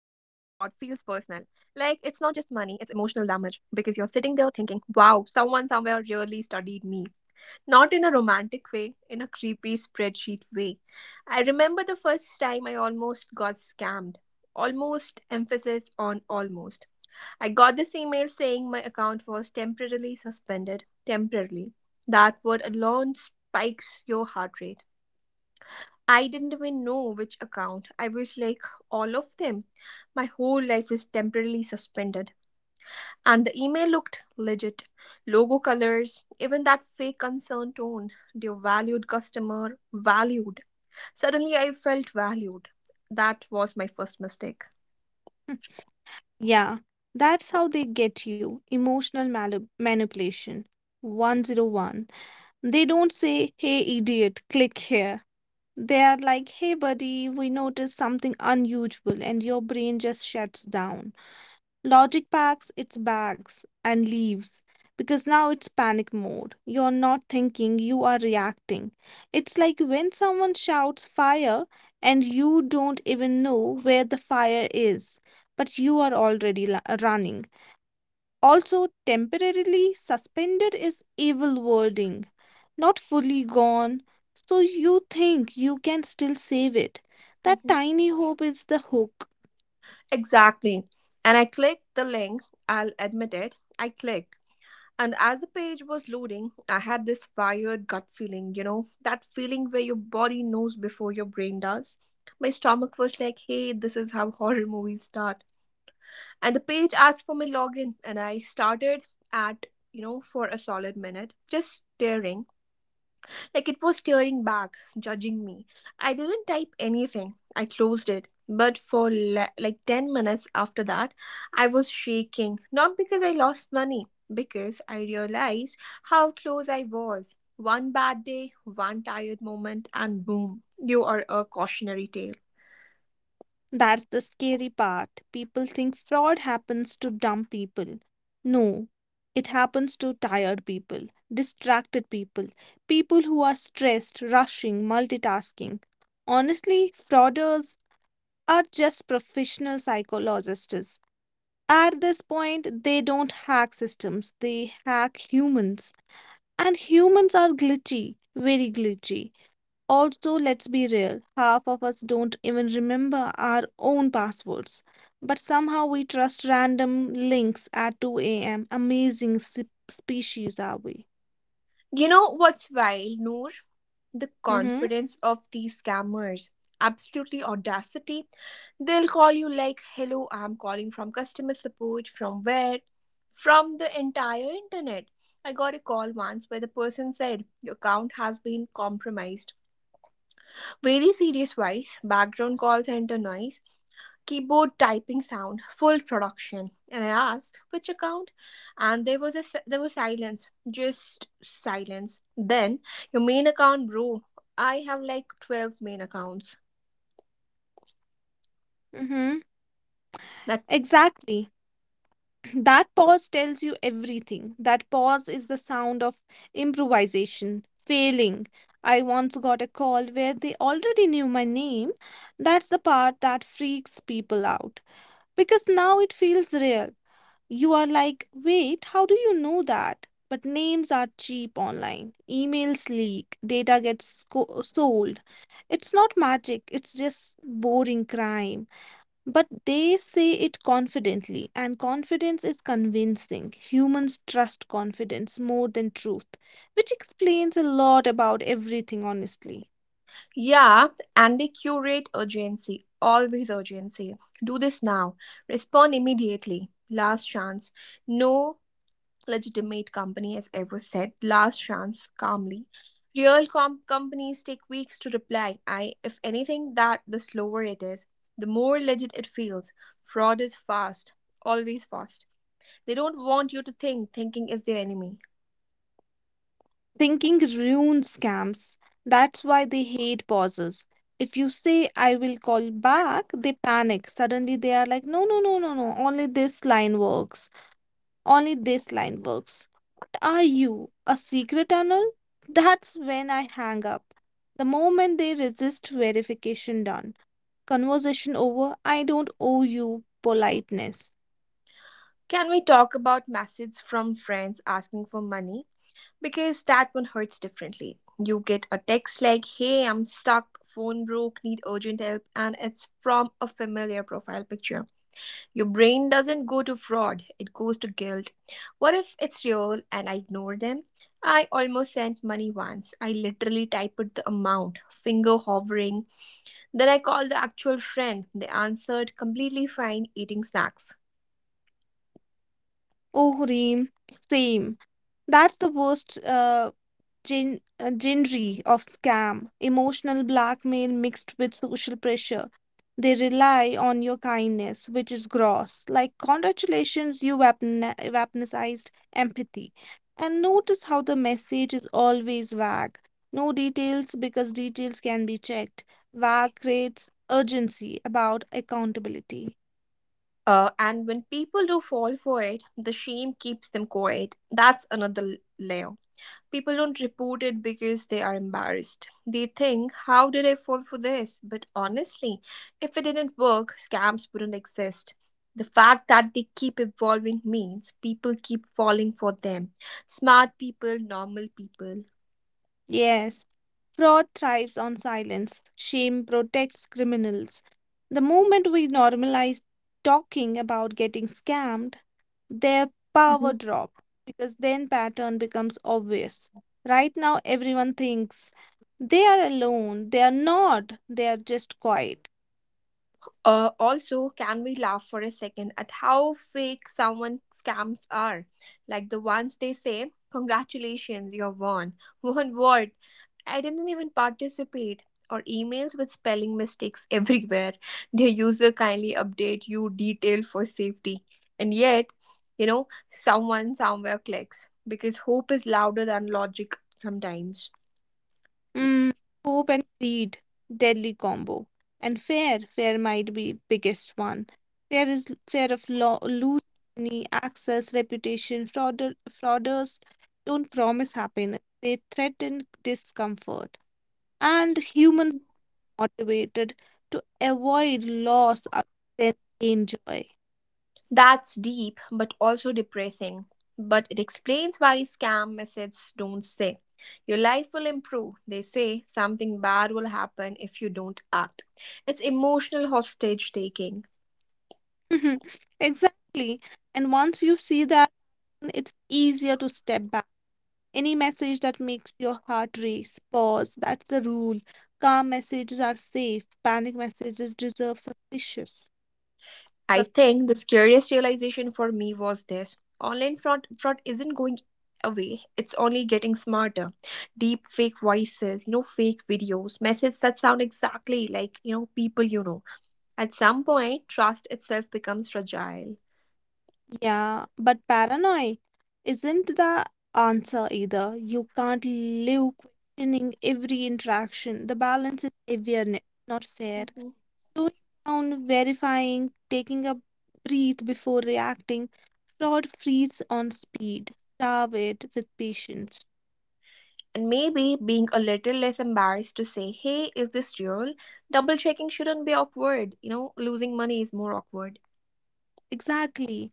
just money, it's emotional damage. Because you're sitting there thinking, wow, someone somewhere really studied me. Not in a romantic way, in a creepy spreadsheet way. I remember the first time I almost got scammed. Almost, emphasis on almost. I got this email saying my account was temporarily suspended. Temporarily. That word alone spikes your heart rate. I didn't even know which account. I was like, all of them. My whole life is temporarily suspended. And the email looked legit. Logo colors, even that fake concern tone. Dear valued customer, valued. Suddenly I felt valued. That was my first mistake. Yeah, that's how they get you. Emotional manipulation 101. They don't say, hey, idiot, click here. They are like, hey, buddy, we noticed something unusual, and your brain just shuts down. Logic packs its bags and leaves because now it's panic mode. You're not thinking, you are reacting. It's like when someone shouts fire and you don't even know where the fire is, but you are already running. Also, temporarily suspended is evil wording, not fully gone. So you think you can still save it. That Mhm. tiny hope is the hook. Exactly. And I clicked the link. I'll admit it. I clicked. And as the page was loading, I had this wired gut feeling, that feeling where your body knows before your brain does. My stomach was like, hey, this is how horror movies start. And the page asked for my login and I started at, for a solid minute just staring like it was staring back, judging me. I didn't type anything. I closed it, but for like 10 minutes after that I was shaking, not because I lost money, because I realized how close I was. One bad day, one tired moment, and boom, you are a cautionary tale. That's the scary part. People think fraud happens to dumb people. No, it happens to tired people, distracted people, people who are stressed, rushing, multitasking. Honestly, frauders are just professional psychologists. At this point, they don't hack systems, they hack humans. And humans are glitchy, very glitchy. Also, let's be real, half of us don't even remember our own passwords, but somehow we trust random links at 2 a.m. Amazing species are we? You know what's wild, Noor? The Mm-hmm. confidence of these scammers. Absolutely audacity. They'll call you like, hello, I'm calling from customer support. From where? From the entire internet. I got a call once where the person said, your account has been compromised. Very serious voice, background call center noise, keyboard typing sound, full production. And I asked which account, and there was there was silence, just silence. Then, your main account, bro. I have like 12 main accounts. Mm-hmm. That, Exactly. That pause tells you everything. That pause is the sound of improvisation, failing. I once got a call where they already knew my name. That's the part that freaks people out because now it feels real. You are like, wait, how do you know that? But names are cheap online. Emails leak, data gets sold. It's not magic, it's just boring crime. But they say it confidently, and confidence is convincing. Humans trust confidence more than truth, which explains a lot about everything, honestly. yeah, and they curate urgency, always urgency. Do this now. Respond immediately. Last chance. No legitimate company has ever said. Last chance, calmly. Real companies take weeks to reply. If anything, that the slower it is, the more legit it feels. Fraud is fast, always fast. They don't want you to think. Thinking is their enemy. Thinking ruins scams. That's why they hate pauses. If you say, I will call back, they panic. Suddenly they are like, no, no, no, no, no, only this line works. Only this line works. Are you a secret tunnel? That's when I hang up. The moment they resist verification done. Conversation over. I don't owe you politeness. Can we talk about messages from friends asking for money? Because that one hurts differently. You get a text like, hey, I'm stuck, phone broke, need urgent help, and it's from a familiar profile picture. Your brain doesn't go to fraud, it goes to guilt. What if it's real and I ignore them? I almost sent money once. I literally typed the amount, finger hovering. Then I called the actual friend. They answered completely fine, eating snacks. Oh, Reem, same. That's the worst. Genre of scam, emotional blackmail mixed with social pressure. They rely on your kindness, which is gross. Like, congratulations, you weaponized empathy. And notice how the message is always vague. No details because details can be checked. Vague creates urgency about accountability. And when people do fall for it, the shame keeps them quiet. That's another layer. People don't report it because they are embarrassed. They think, how did I fall for this? But honestly, if it didn't work, scams wouldn't exist. The fact that they keep evolving means people keep falling for them. Smart people, normal people. Yes. Fraud thrives on silence. Shame protects criminals. The moment we normalize talking about getting scammed, their power drops because then pattern becomes obvious. Right now everyone thinks they are alone. They are not. They are just quiet. Also, can we laugh for a second at how fake someone scams are? Like the ones they say, congratulations, you're won. Won what? I didn't even participate. Or emails with spelling mistakes everywhere. Their user kindly update you detail for safety. And yet, someone somewhere clicks because hope is louder than logic sometimes. Mm, hope and greed, deadly combo. And fear, fear might be biggest one. Fear is fear of lo losing money, access, reputation. Frauders don't promise happiness. They threaten discomfort. And humans are motivated to avoid loss other than gain joy. That's deep but also depressing. But it explains why scam messages don't say, your life will improve. They say something bad will happen if you don't act. It's emotional hostage taking. Exactly. And once you see that, it's easier to step back. Any message that makes your heart race, pause. That's the rule. Calm messages are safe. Panic messages deserve suspicious. I Sus- think the scariest realization for me was this. Online fraud isn't going away. It's only getting smarter. Deep fake voices, fake videos, messages that sound exactly like, people you know. At some point, trust itself becomes fragile. yeah, but paranoia isn't the answer either. You can't live questioning every interaction. The balance is awareness, not fear. Mm-hmm. Slowing down, verifying, taking a breath before reacting. Fraud feeds on speed. Starve it with patience. And maybe being a little less embarrassed to say, hey, is this real? Double checking shouldn't be awkward. Losing money is more awkward. Exactly.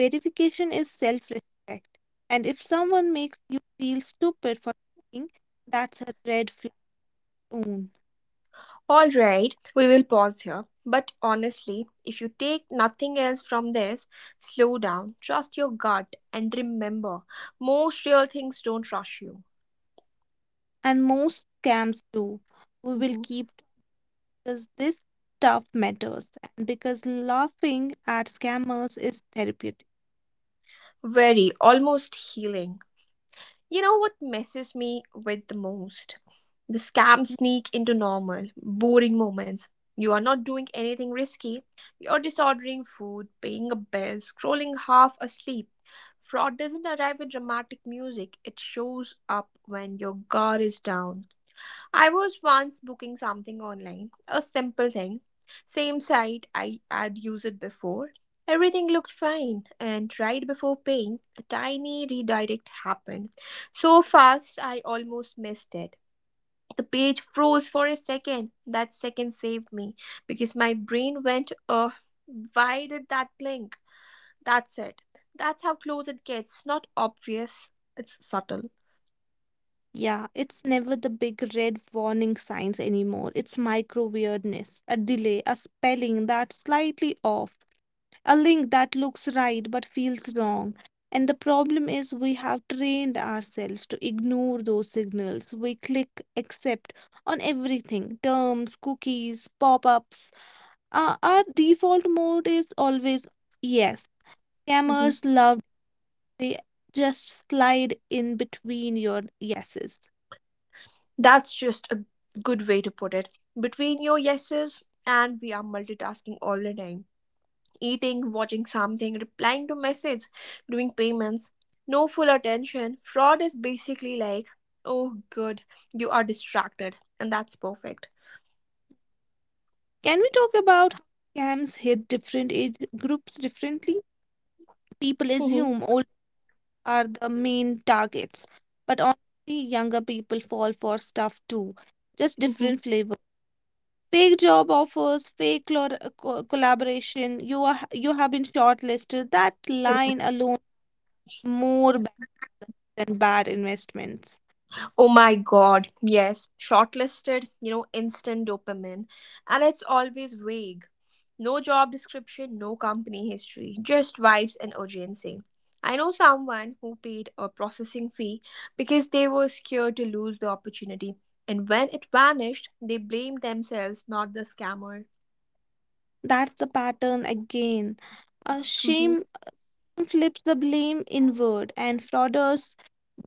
Verification is self-respect. And if someone makes you feel stupid for something, that's a red flag own. All right, we will pause here. But honestly, if you take nothing else from this, slow down, trust your gut, and remember most real things don't rush you. And most scams do. We will Mhm. keep because this stuff matters and because laughing at scammers is therapeutic. Very, almost healing. You know what messes me with the most? The scams sneak into normal, boring moments. You are not doing anything risky. You're disordering food, paying a bill, scrolling half asleep. Fraud doesn't arrive with dramatic music, it shows up when your guard is down. I was once booking something online, a simple thing. Same site I had used before. Everything looked fine, and right before paying, a tiny redirect happened. So fast, I almost missed it. The page froze for a second. That second saved me because my brain went, why did that blink? That's it. That's how close it gets. Not obvious, it's subtle. Yeah, it's never the big red warning signs anymore. It's micro weirdness, a delay, a spelling that's slightly off, a link that looks right but feels wrong. And the problem is, we have trained ourselves to ignore those signals. We click accept on everything terms, cookies, pop ups. Our default mode is always yes. Mm-hmm. Scammers love, they just slide in between your yeses. That's just a good way to put it. Between your yeses, and we are multitasking all the time. Eating, watching something, replying to messages, doing payments, no full attention. Fraud is basically like, oh good, you are distracted and that's perfect. Can we talk about how scams hit different age groups differently? People assume old are the main targets, but honestly, younger people fall for stuff too, just Mhm, mhm. different flavor. Fake job offers, fake collaboration. You have been shortlisted. That line alone more bad than bad investments. Oh my god, yes. Shortlisted, instant dopamine. And it's always vague. No job description, no company history, just vibes and urgency. I know someone who paid a processing fee because they were scared to lose the opportunity. And when it vanished, they blamed themselves, not the scammer. That's the pattern again. Mhm. Shame flips the blame inward, and frauders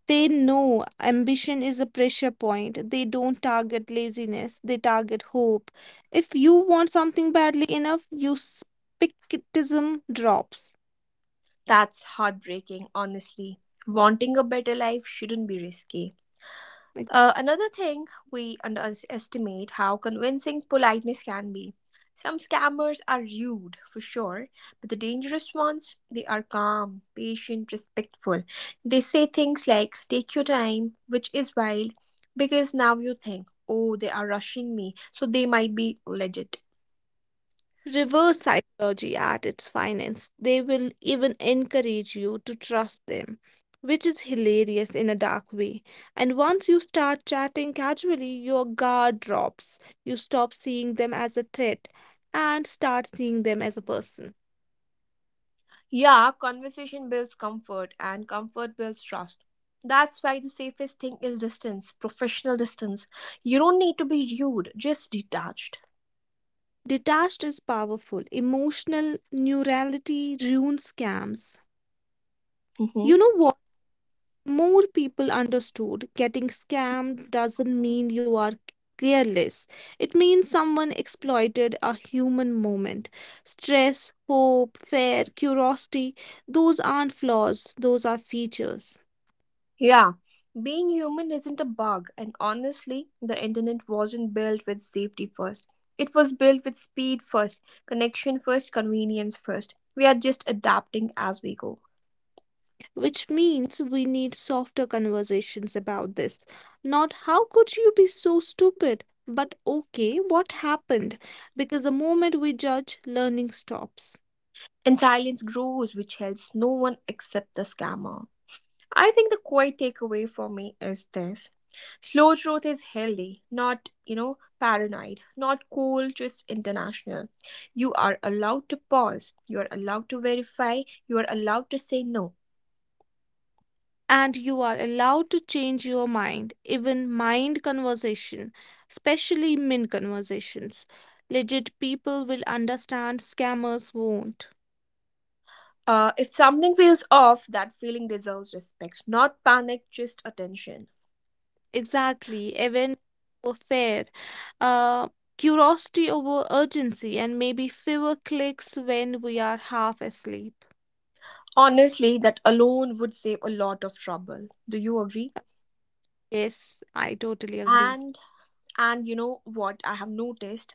they know ambition is a pressure point. They don't target laziness, they target hope. If you want something badly enough, your skepticism drops. That's heartbreaking, honestly. Wanting a better life shouldn't be risky. Ex- Another thing, we underestimate how convincing politeness can be. Some scammers are rude, for sure, but the dangerous ones, they are calm, patient, respectful. They say things like, take your time, which is wild, because now you think, oh, they are rushing me, so they might be legit. Reverse psychology at its finest. They will even encourage you to trust them, which is hilarious in a dark way. And once you start chatting casually, your guard drops. You stop seeing them as a threat and start seeing them as a person. Yeah, conversation builds comfort, and comfort builds trust. That's why the safest thing is distance, professional distance. You don't need to be rude, just detached. Detached is powerful. Emotional neurality ruins scams. Hmm. You know what? More people understood getting scammed doesn't mean you are careless. It means someone exploited a human moment. Stress, hope, fear, curiosity, those aren't flaws, those are features. Yeah, being human isn't a bug, and honestly, the internet wasn't built with safety first. It was built with speed first, connection first, convenience first. We are just adapting as we go. Which means we need softer conversations about this. Not how could you be so stupid, but okay, what happened? Because the moment we judge, learning stops. And silence grows, which helps no one except the scammer. I think the quiet takeaway for me is this. Slow growth is healthy, not, paranoid, not cool, just international. You are allowed to pause, you are allowed to verify, you are allowed to say no. And you are allowed to change your mind even mind conversation especially min conversations. Legit people will understand, scammers won't. If something feels off, that feeling deserves respect, not panic, just attention. Exactly, even over fair, uh, curiosity over urgency, and maybe fewer clicks when we are half asleep. Honestly, that alone would save a lot of trouble. Do you agree? Yes, I totally agree. And And you know what I have noticed?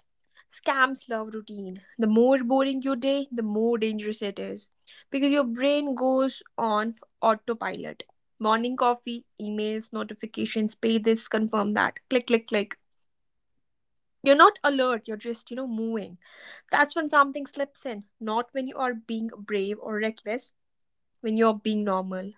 Scams love routine. The more boring your day, the more dangerous it is. Because your brain goes on autopilot. Morning coffee, emails, notifications, pay this, confirm that. Click, click, click. You're not alert, you're just, moving. That's when something slips in. Not when you are being brave or reckless, when you're being normal.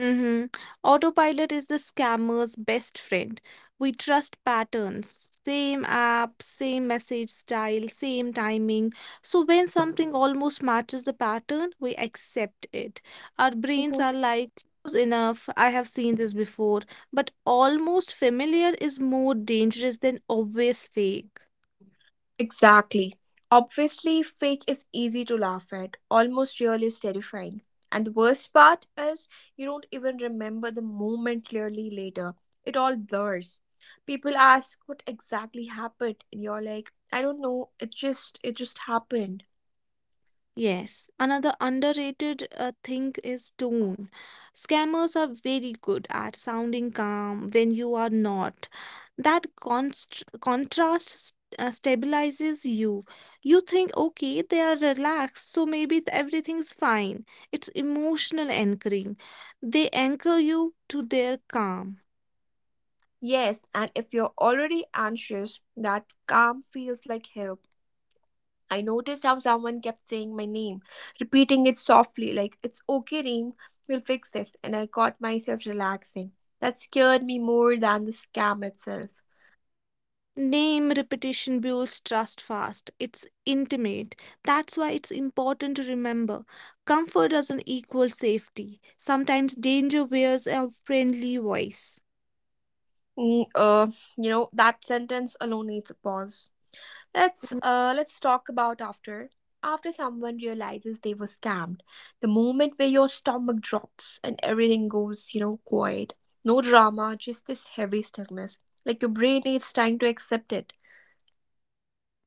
Mhm. Autopilot is the scammer's best friend. We trust patterns. Same app, same message style, same timing. So when something almost matches the pattern, we accept it. Our brains Mhm. are like, close enough, I have seen this before. But almost familiar is more dangerous than obvious fake. Exactly. Obviously, fake is easy to laugh at. Almost real is terrifying. And the worst part is you don't even remember the moment clearly later. It all blurs. People ask what exactly happened and you're like, I don't know, it just happened. Yes, another underrated thing is tone. Scammers are very good at sounding calm when you are not. That const contrast stabilizes you. You think, okay, they are relaxed, so maybe everything's fine. It's emotional anchoring. They anchor you to their calm. Yes, and if you're already anxious, that calm feels like help. I noticed how someone kept saying my name, repeating it softly, like, it's okay, Reem, we'll fix this. And I caught myself relaxing. That scared me more than the scam itself. Name repetition builds trust fast. It's intimate. That's why it's important to remember comfort doesn't equal safety. Sometimes danger wears a friendly voice. Mm, that sentence alone needs a pause. Let's talk about after someone realizes they were scammed. The moment where your stomach drops and everything goes, quiet. No drama, just this heavy stillness. Like your brain is trying to accept it.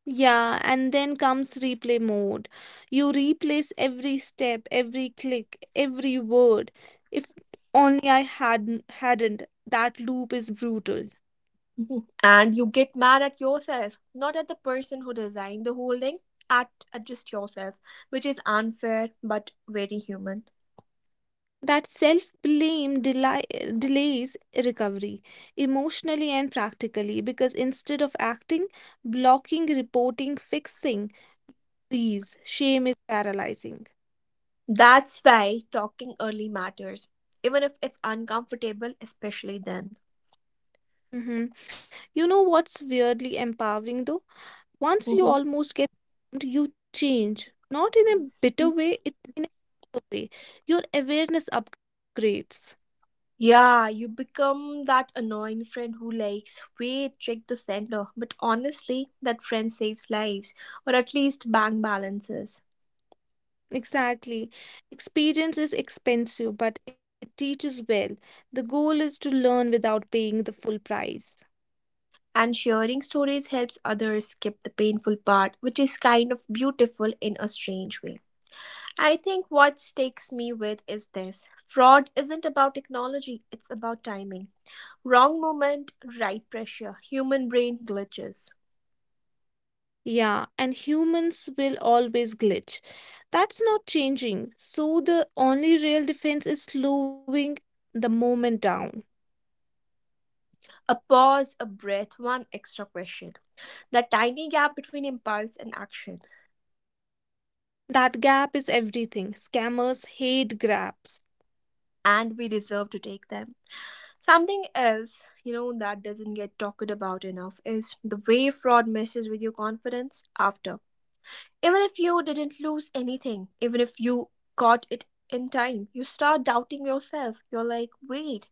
Yeah, and then comes replay mode. You replace every step, every click, every word. If only I hadn't. That loop is brutal. Mhm. And you get mad at yourself, not at the person who designed the whole thing, at just yourself, which is unfair but very human. That self blame delays recovery emotionally and practically because instead of acting, blocking, reporting, fixing, please, shame is paralyzing. That's why talking early matters, even if it's uncomfortable, especially then. Mhm. You know what's weirdly empowering though? Once you Mhm. almost get, shamed, you change. Not in a bitter way, it in a way. Your awareness upgrades. Yeah, you become that annoying friend who likes, wait, check the sender. But honestly, that friend saves lives, or at least bank balances. Exactly. Experience is expensive, but it teaches well. The goal is to learn without paying the full price. And sharing stories helps others skip the painful part, which is kind of beautiful in a strange way. I think what sticks me with is this fraud isn't about technology, it's about timing. Wrong moment, right pressure, human brain glitches. Yeah, and humans will always glitch. That's not changing. So the only real defense is slowing the moment down. A pause, a breath, one extra question. That tiny gap between impulse and action, That gap is everything. Scammers hate gaps. and we deserve to take them. Something else, that doesn't get talked about enough is the way fraud messes with your confidence after. Even if you didn't lose anything, even if you got it in time, you start doubting yourself. You're like, wait,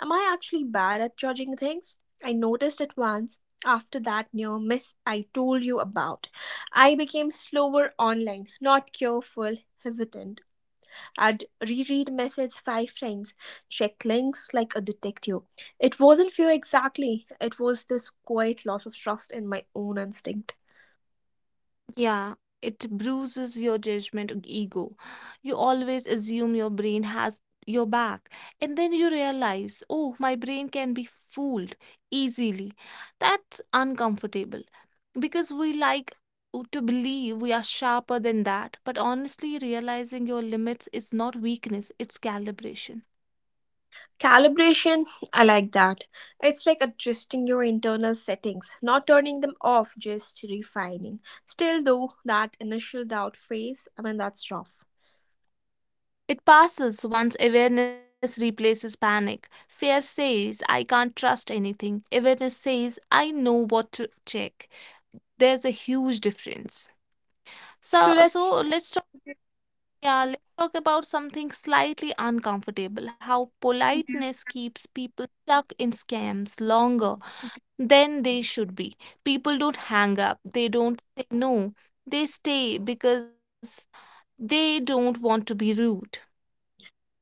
am I actually bad at judging things? I noticed it once after that near miss I told you about. I became slower online, not careful, hesitant. I'd reread messages 5 times, check links like a detective. It wasn't fear exactly, it was this quiet loss of trust in my own instinct. Yeah, it bruises your judgment ego. You always assume your brain has your back, and then you realize, oh, my brain can be fooled easily. That's uncomfortable because we like to believe we are sharper than that, but honestly, realizing your limits is not weakness, it's calibration. Calibration, I like that. It's like adjusting your internal settings, not turning them off, just refining. Still, though, that initial doubt phase, I mean, that's rough. It passes once awareness replaces panic. Fear says, I can't trust anything. Awareness says, I know what to check. There's a huge difference. so So so let's. let's talk. Yeah, let's talk about something slightly uncomfortable, how Mhm. politeness keeps people stuck in scams longer than they should be. People don't hang up, they don't say no, they stay because they don't want to be rude.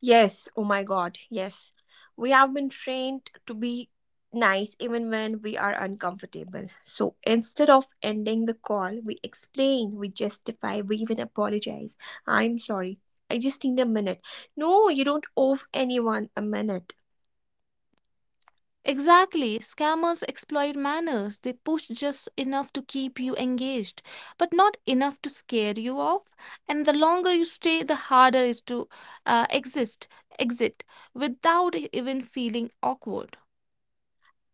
Yes, oh my god, yes. We have been trained to be nice even when we are uncomfortable. So instead of ending the call, we explain, we justify, we even apologize. I'm sorry. I just need a minute. No, you don't owe anyone a minute. Exactly. Scammers exploit manners. They push just enough to keep you engaged, but not enough to scare you off. And the longer you stay, the harder is to uh, exist, exit without even feeling awkward.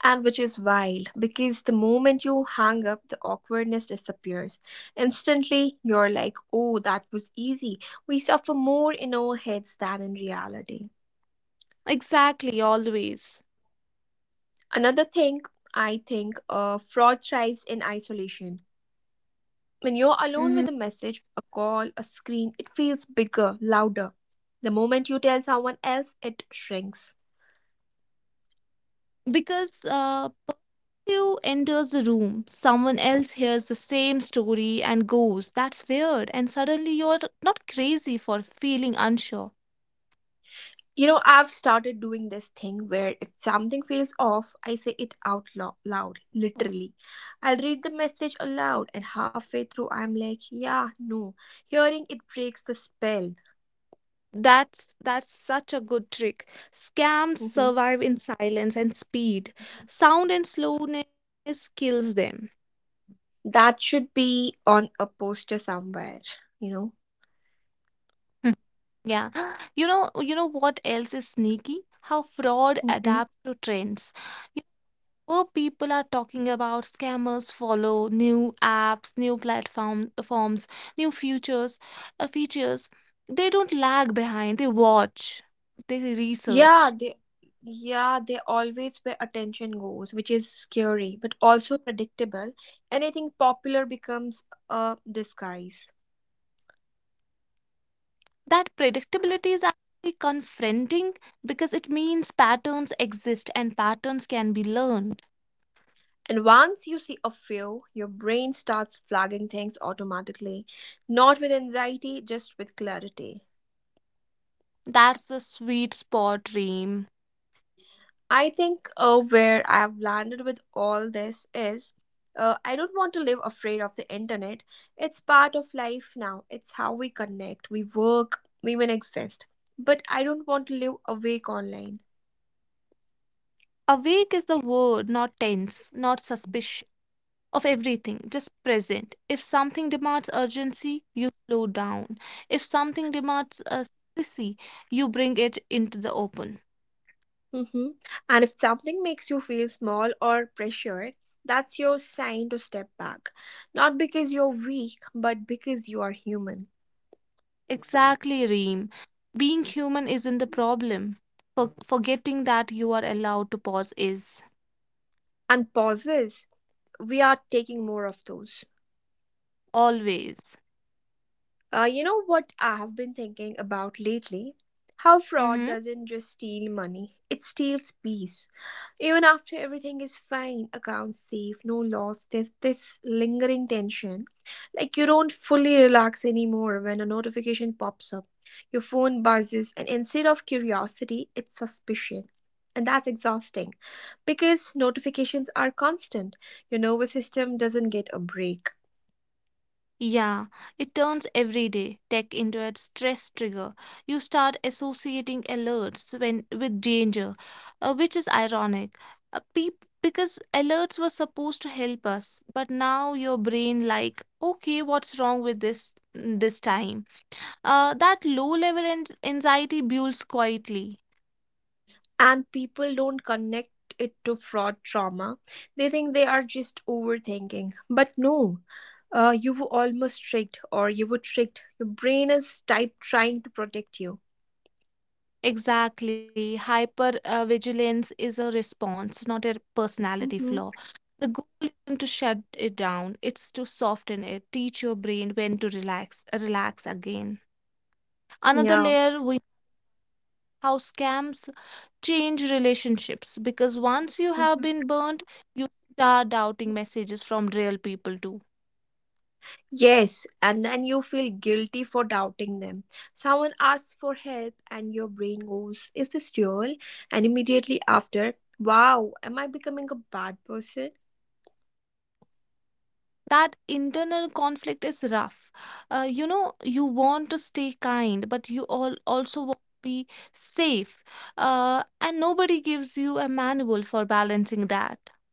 And which is wild because the moment you hang up, the awkwardness disappears instantly. You're like, oh, that was easy. We suffer more in our heads than in reality. Exactly, always. Another thing, I think fraud thrives in isolation. When you're alone Mhm. with a message, a call, a screen, it feels bigger, louder. The moment you tell someone else, it shrinks. Because you enters the room, someone else hears the same story and goes, That's weird. And suddenly you're not crazy for feeling unsure. You know, I've started doing this thing where if something feels off, I say it out loud, literally. I'll read the message aloud, and halfway through, I'm like, yeah, no. Hearing it breaks the spell. That's such a good trick. Scams Mhm. survive in silence and speed. Sound and slowness kills them. That should be on a poster somewhere, you know? Hmm. Yeah. You know what else is sneaky? How fraud Mhm. adapts to trends. Well, people are talking about scammers follow new apps, new platform forms, new futures, features. They don't lag behind. They watch. They Yeah, research. they. Yeah, they always where attention goes, which is scary but also predictable. Anything popular becomes a disguise. That predictability is actually confronting because it means patterns exist and patterns can be learned. And once you see a few, your brain starts flagging things automatically, not with anxiety, just with clarity. That's the sweet spot, Reem. I think where I have landed with all this is I don't want to live afraid of the internet. It's part of life now, it's how we connect, we work, we even exist. But I don't want to live awake online. Awake is the word, not tense, not suspicious. Of everything, just present. If something demands urgency, you slow down. If something demands secrecy, you bring it into the open. Mhm. And if something makes you feel small or pressured, that's your sign to step back. Not because you're weak, but because you are human. Exactly, Reem. Being human isn't the problem. Forgetting that you are allowed to pause is And pauses, we are taking more of those. always. You know what I have been thinking about lately? How fraud Mm-hmm. doesn't just steal money, it steals peace. Even after everything is fine, accounts safe, no loss, there's this lingering tension. Like you don't fully relax anymore when a notification pops up. Your phone buzzes, and instead of curiosity, it's suspicion. And that's exhausting because notifications are constant. Your nervous system doesn't get a break. Yeah, it turns everyday tech into a stress trigger. You start associating alerts when with danger, which is ironic. Because alerts were supposed to help us, but now your brain like, okay, what's wrong with this time? That low level anxiety builds quietly. And people don't connect it to fraud trauma. They think they are just overthinking, but no, you were almost tricked, or you were tricked. Your brain is type trying to protect you. Exactly. Hyper vigilance is a response, not a personality Hmm. flaw. The goal isn't to shut it down, it's to soften it, teach your brain when to relax again. Another Yeah. layer we how scams change relationships because once you have Mhm. been burnt, you start doubting messages from real people too. Yes, and then you feel guilty for doubting them. Someone asks for help, and your brain goes, is this real? And immediately after, wow, am I becoming a bad person? That internal conflict is rough. Uh, you know you want to stay kind but you all also want to be safe, and nobody gives you a manual for balancing that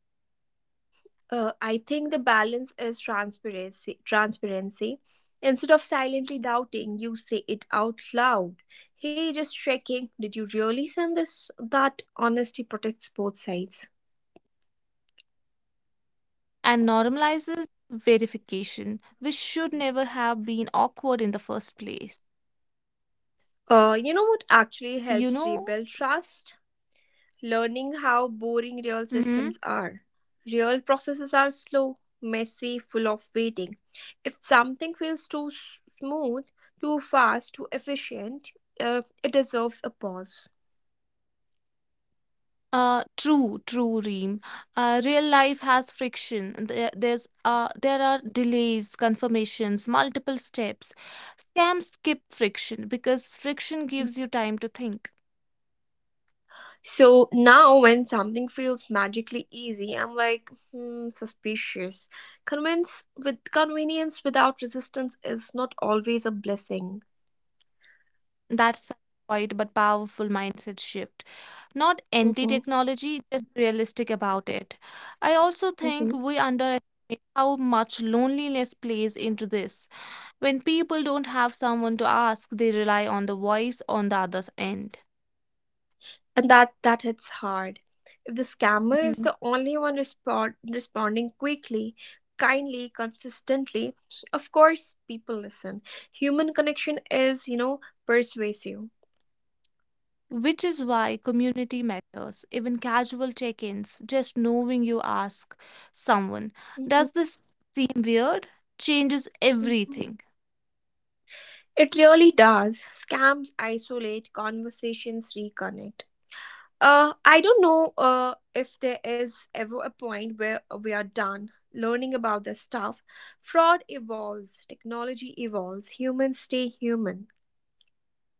I think the balance is transparency. Transparency. Instead of silently doubting, you say it out loud. Hey, just checking. Did you really send this? That honesty protects both sides. and normalizes verification, which should never have been awkward in the first place, You know what actually you helps know rebuild trust? Learning how boring real systems Mm-hmm. are. Real processes are slow, messy, full of waiting. If something feels too smooth, too fast, too efficient, it deserves a pause. True, true, Reem. Real life has friction. And There, there's There are delays, confirmations, multiple steps. Scams skip friction because friction gives you time to think. So now, when something feels magically easy, I'm like, hmm, suspicious. Convince with convenience without resistance is not always a blessing. That's a quiet but powerful mindset shift. Not Hmm. anti-technology, just realistic about it. I also think Hmm. we underestimate how much loneliness plays into this. When people don't have someone to ask, they rely on the voice on the other end. And that hits hard. If the scammer is Mm-hmm. the only one responding quickly, kindly, consistently, of course people listen. Human connection is, you know, persuasive. Which is why community matters, even casual check ins, just knowing you ask someone, Mhm, does this seem weird, changes mhm. everything. It really does. Scams isolate, conversations reconnect. I don't know if there is ever a point where we are done learning about this stuff. Fraud evolves, technology evolves, humans stay human.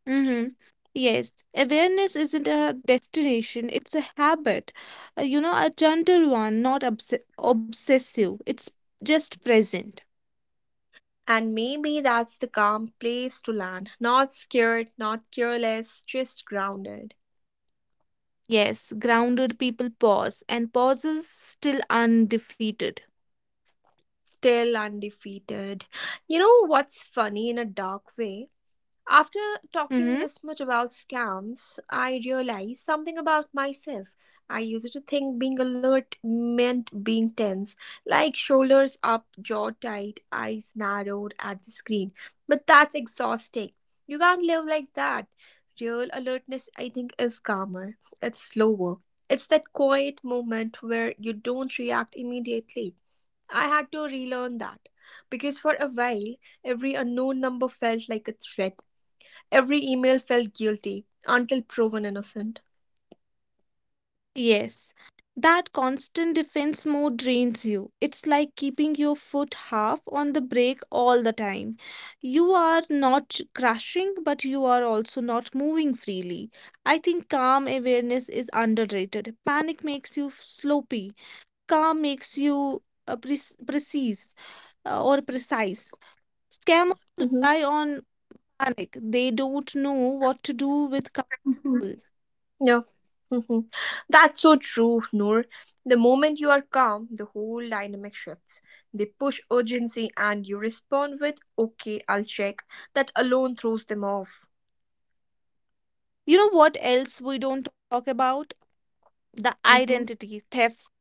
Hmm. Yes, awareness isn't a destination, it's a habit. A gentle one, not obsessive. It's just present. And maybe that's the calm place to land. Not scared, not careless, just grounded. Yes, grounded people pause, and pauses still undefeated. Still undefeated. You know what's funny in a dark way? After Mm-hmm. talking this much about scams, I realized something about myself. I used to think being alert meant being tense, like shoulders up, jaw tight, eyes narrowed at the screen. But that's exhausting. You can't live like that. Real alertness, I think, is calmer, it's slower. It's that quiet moment where you don't react immediately. I had to relearn that because for a while, every unknown number felt like a threat. Every email felt guilty until proven innocent. Yes, that constant defense mode drains you. It's like keeping your foot half on the brake all the time. You are not crashing, but you are also not moving freely. I think calm awareness is underrated. Panic makes you sloppy, calm makes you uh, pre- precise, or precise. Scammers Hmm. rely on panic, they don't know what to do with calm. Hmm. Yeah. Hmm. That's so true, Noor. The moment you are calm, the whole dynamic shifts. They push urgency and you respond with, okay, I'll check. That alone throws them off. You know what else we don't talk about? The Hmm. identity theft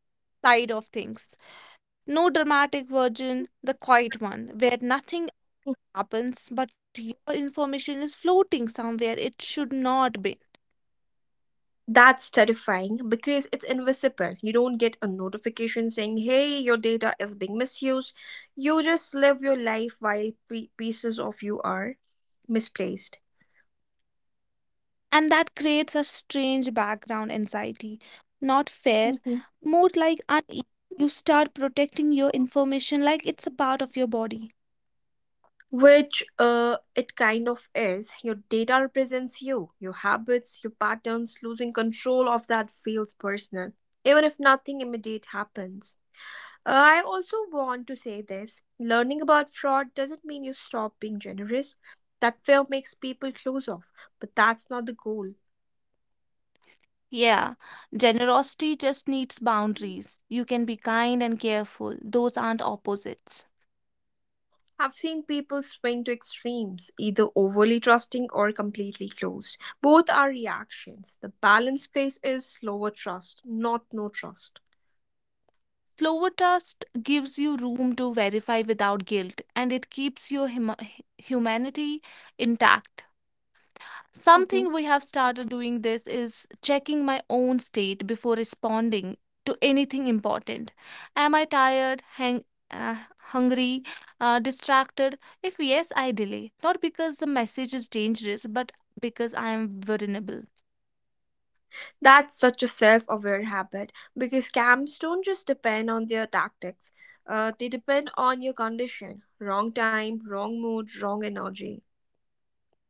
side of things. No dramatic version, the quiet one, where nothing happens but your information is floating somewhere it should not be. That's terrifying because it's invisible. You don't get a notification saying, hey, your data is being misused. You just live your life while pieces of you are misplaced. And that creates a strange background anxiety. Not fair, Mm-hmm. more like unease. You start protecting your information like it's a part of your body. Which it kind of is. Your data represents you, your habits, your patterns. Losing control of that feels personal, even if nothing immediate happens. I also want to say this: learning about fraud doesn't mean you stop being generous. That fear makes people close off, but that's not the goal. Yeah, generosity just needs boundaries. You can be kind and careful, those aren't opposites. I've seen people swing to extremes, either overly trusting or completely closed. Both are reactions. The balanced place is slower trust, not no trust. Slower trust gives you room to verify without guilt and it keeps your humanity intact. Mhm. Something we have started doing this is checking my own state before responding to anything important. Am I tired, uh, hungry, distracted? If yes, I delay. Not because the message is dangerous, but because I am vulnerable. That's such a self aware habit because scams don't just depend on their tactics, they depend on your condition. Wrong time, wrong mood, wrong energy.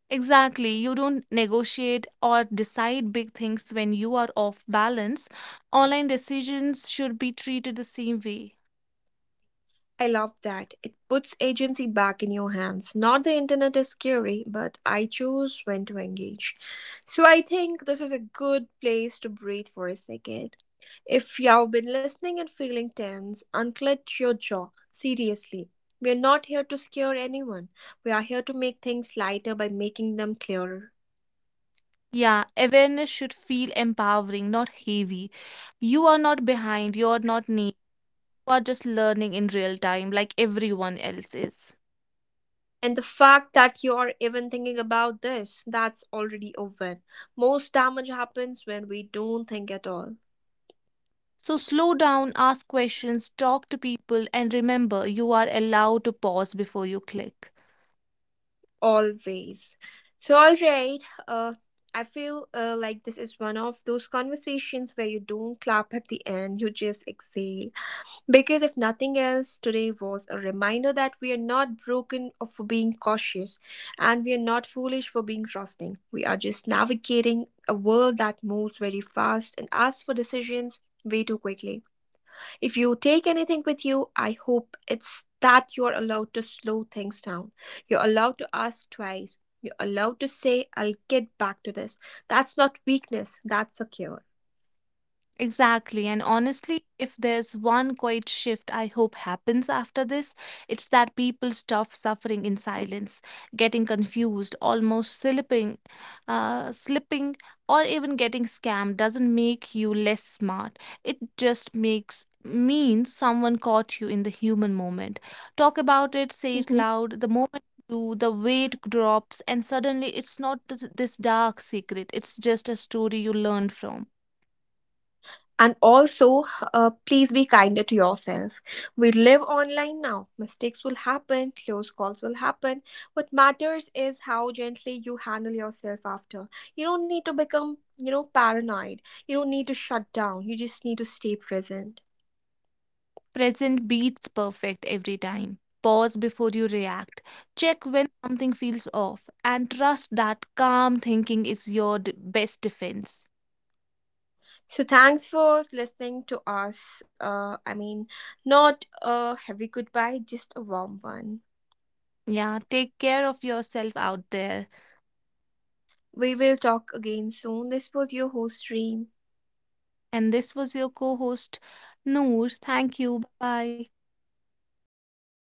Exactly. You don't negotiate or decide big things when you are off balance. Online decisions should be treated the same way. I love that. It puts agency back in your hands. Not the internet is scary, but I choose when to engage. So I think this is a good place to breathe for a second. If you have been listening and feeling tense, unclench your jaw. Seriously. We are not here to scare anyone. We are here to make things lighter by making them clearer. Yeah, awareness should feel empowering, not heavy. You are not behind, you are not neat. You are just learning in real time, like everyone else is. And the fact that you are even thinking about this, that's already a win. Most damage happens when we don't think at all. So slow down, ask questions, talk to people, and remember you are allowed to pause before you click. Always. So, all right, I feel like this is one of those conversations where you don't clap at the end, you just exhale. Because if nothing else, today was a reminder that we are not broken for being cautious, and we are not foolish for being trusting. We are just navigating a world that moves very fast and asks for decisions way too quickly. If you take anything with you, I hope it's that you're allowed to slow things down. You're allowed to ask twice. You're allowed to say, I'll get back to this. That's not weakness, that's a cure. Exactly. And honestly, if there's one quiet shift I hope happens after this, it's that people stop suffering in silence. Getting confused, almost slipping, slipping, or even getting scammed doesn't make you less smart. It just makes means someone caught you in the human moment. Talk about it, say it Mhm. loud. The moment you do, the weight drops, and suddenly it's not this dark secret. It's just a story you learned from. And also, please be kinder to yourself. We live online now. Mistakes will happen, close calls will happen. What matters is how gently you handle yourself after. You don't need to become, you know, paranoid. You don't need to shut down. You just need to stay present. Present beats perfect every time. Pause before you react. Check when something feels off and trust that calm thinking is your best defense. So thanks for listening to us. I mean, not a heavy goodbye, just a warm one. Yeah, take care of yourself out there. We will talk again soon. This was your host stream. And this was your co host, Noor. Thank you. Bye. Bye.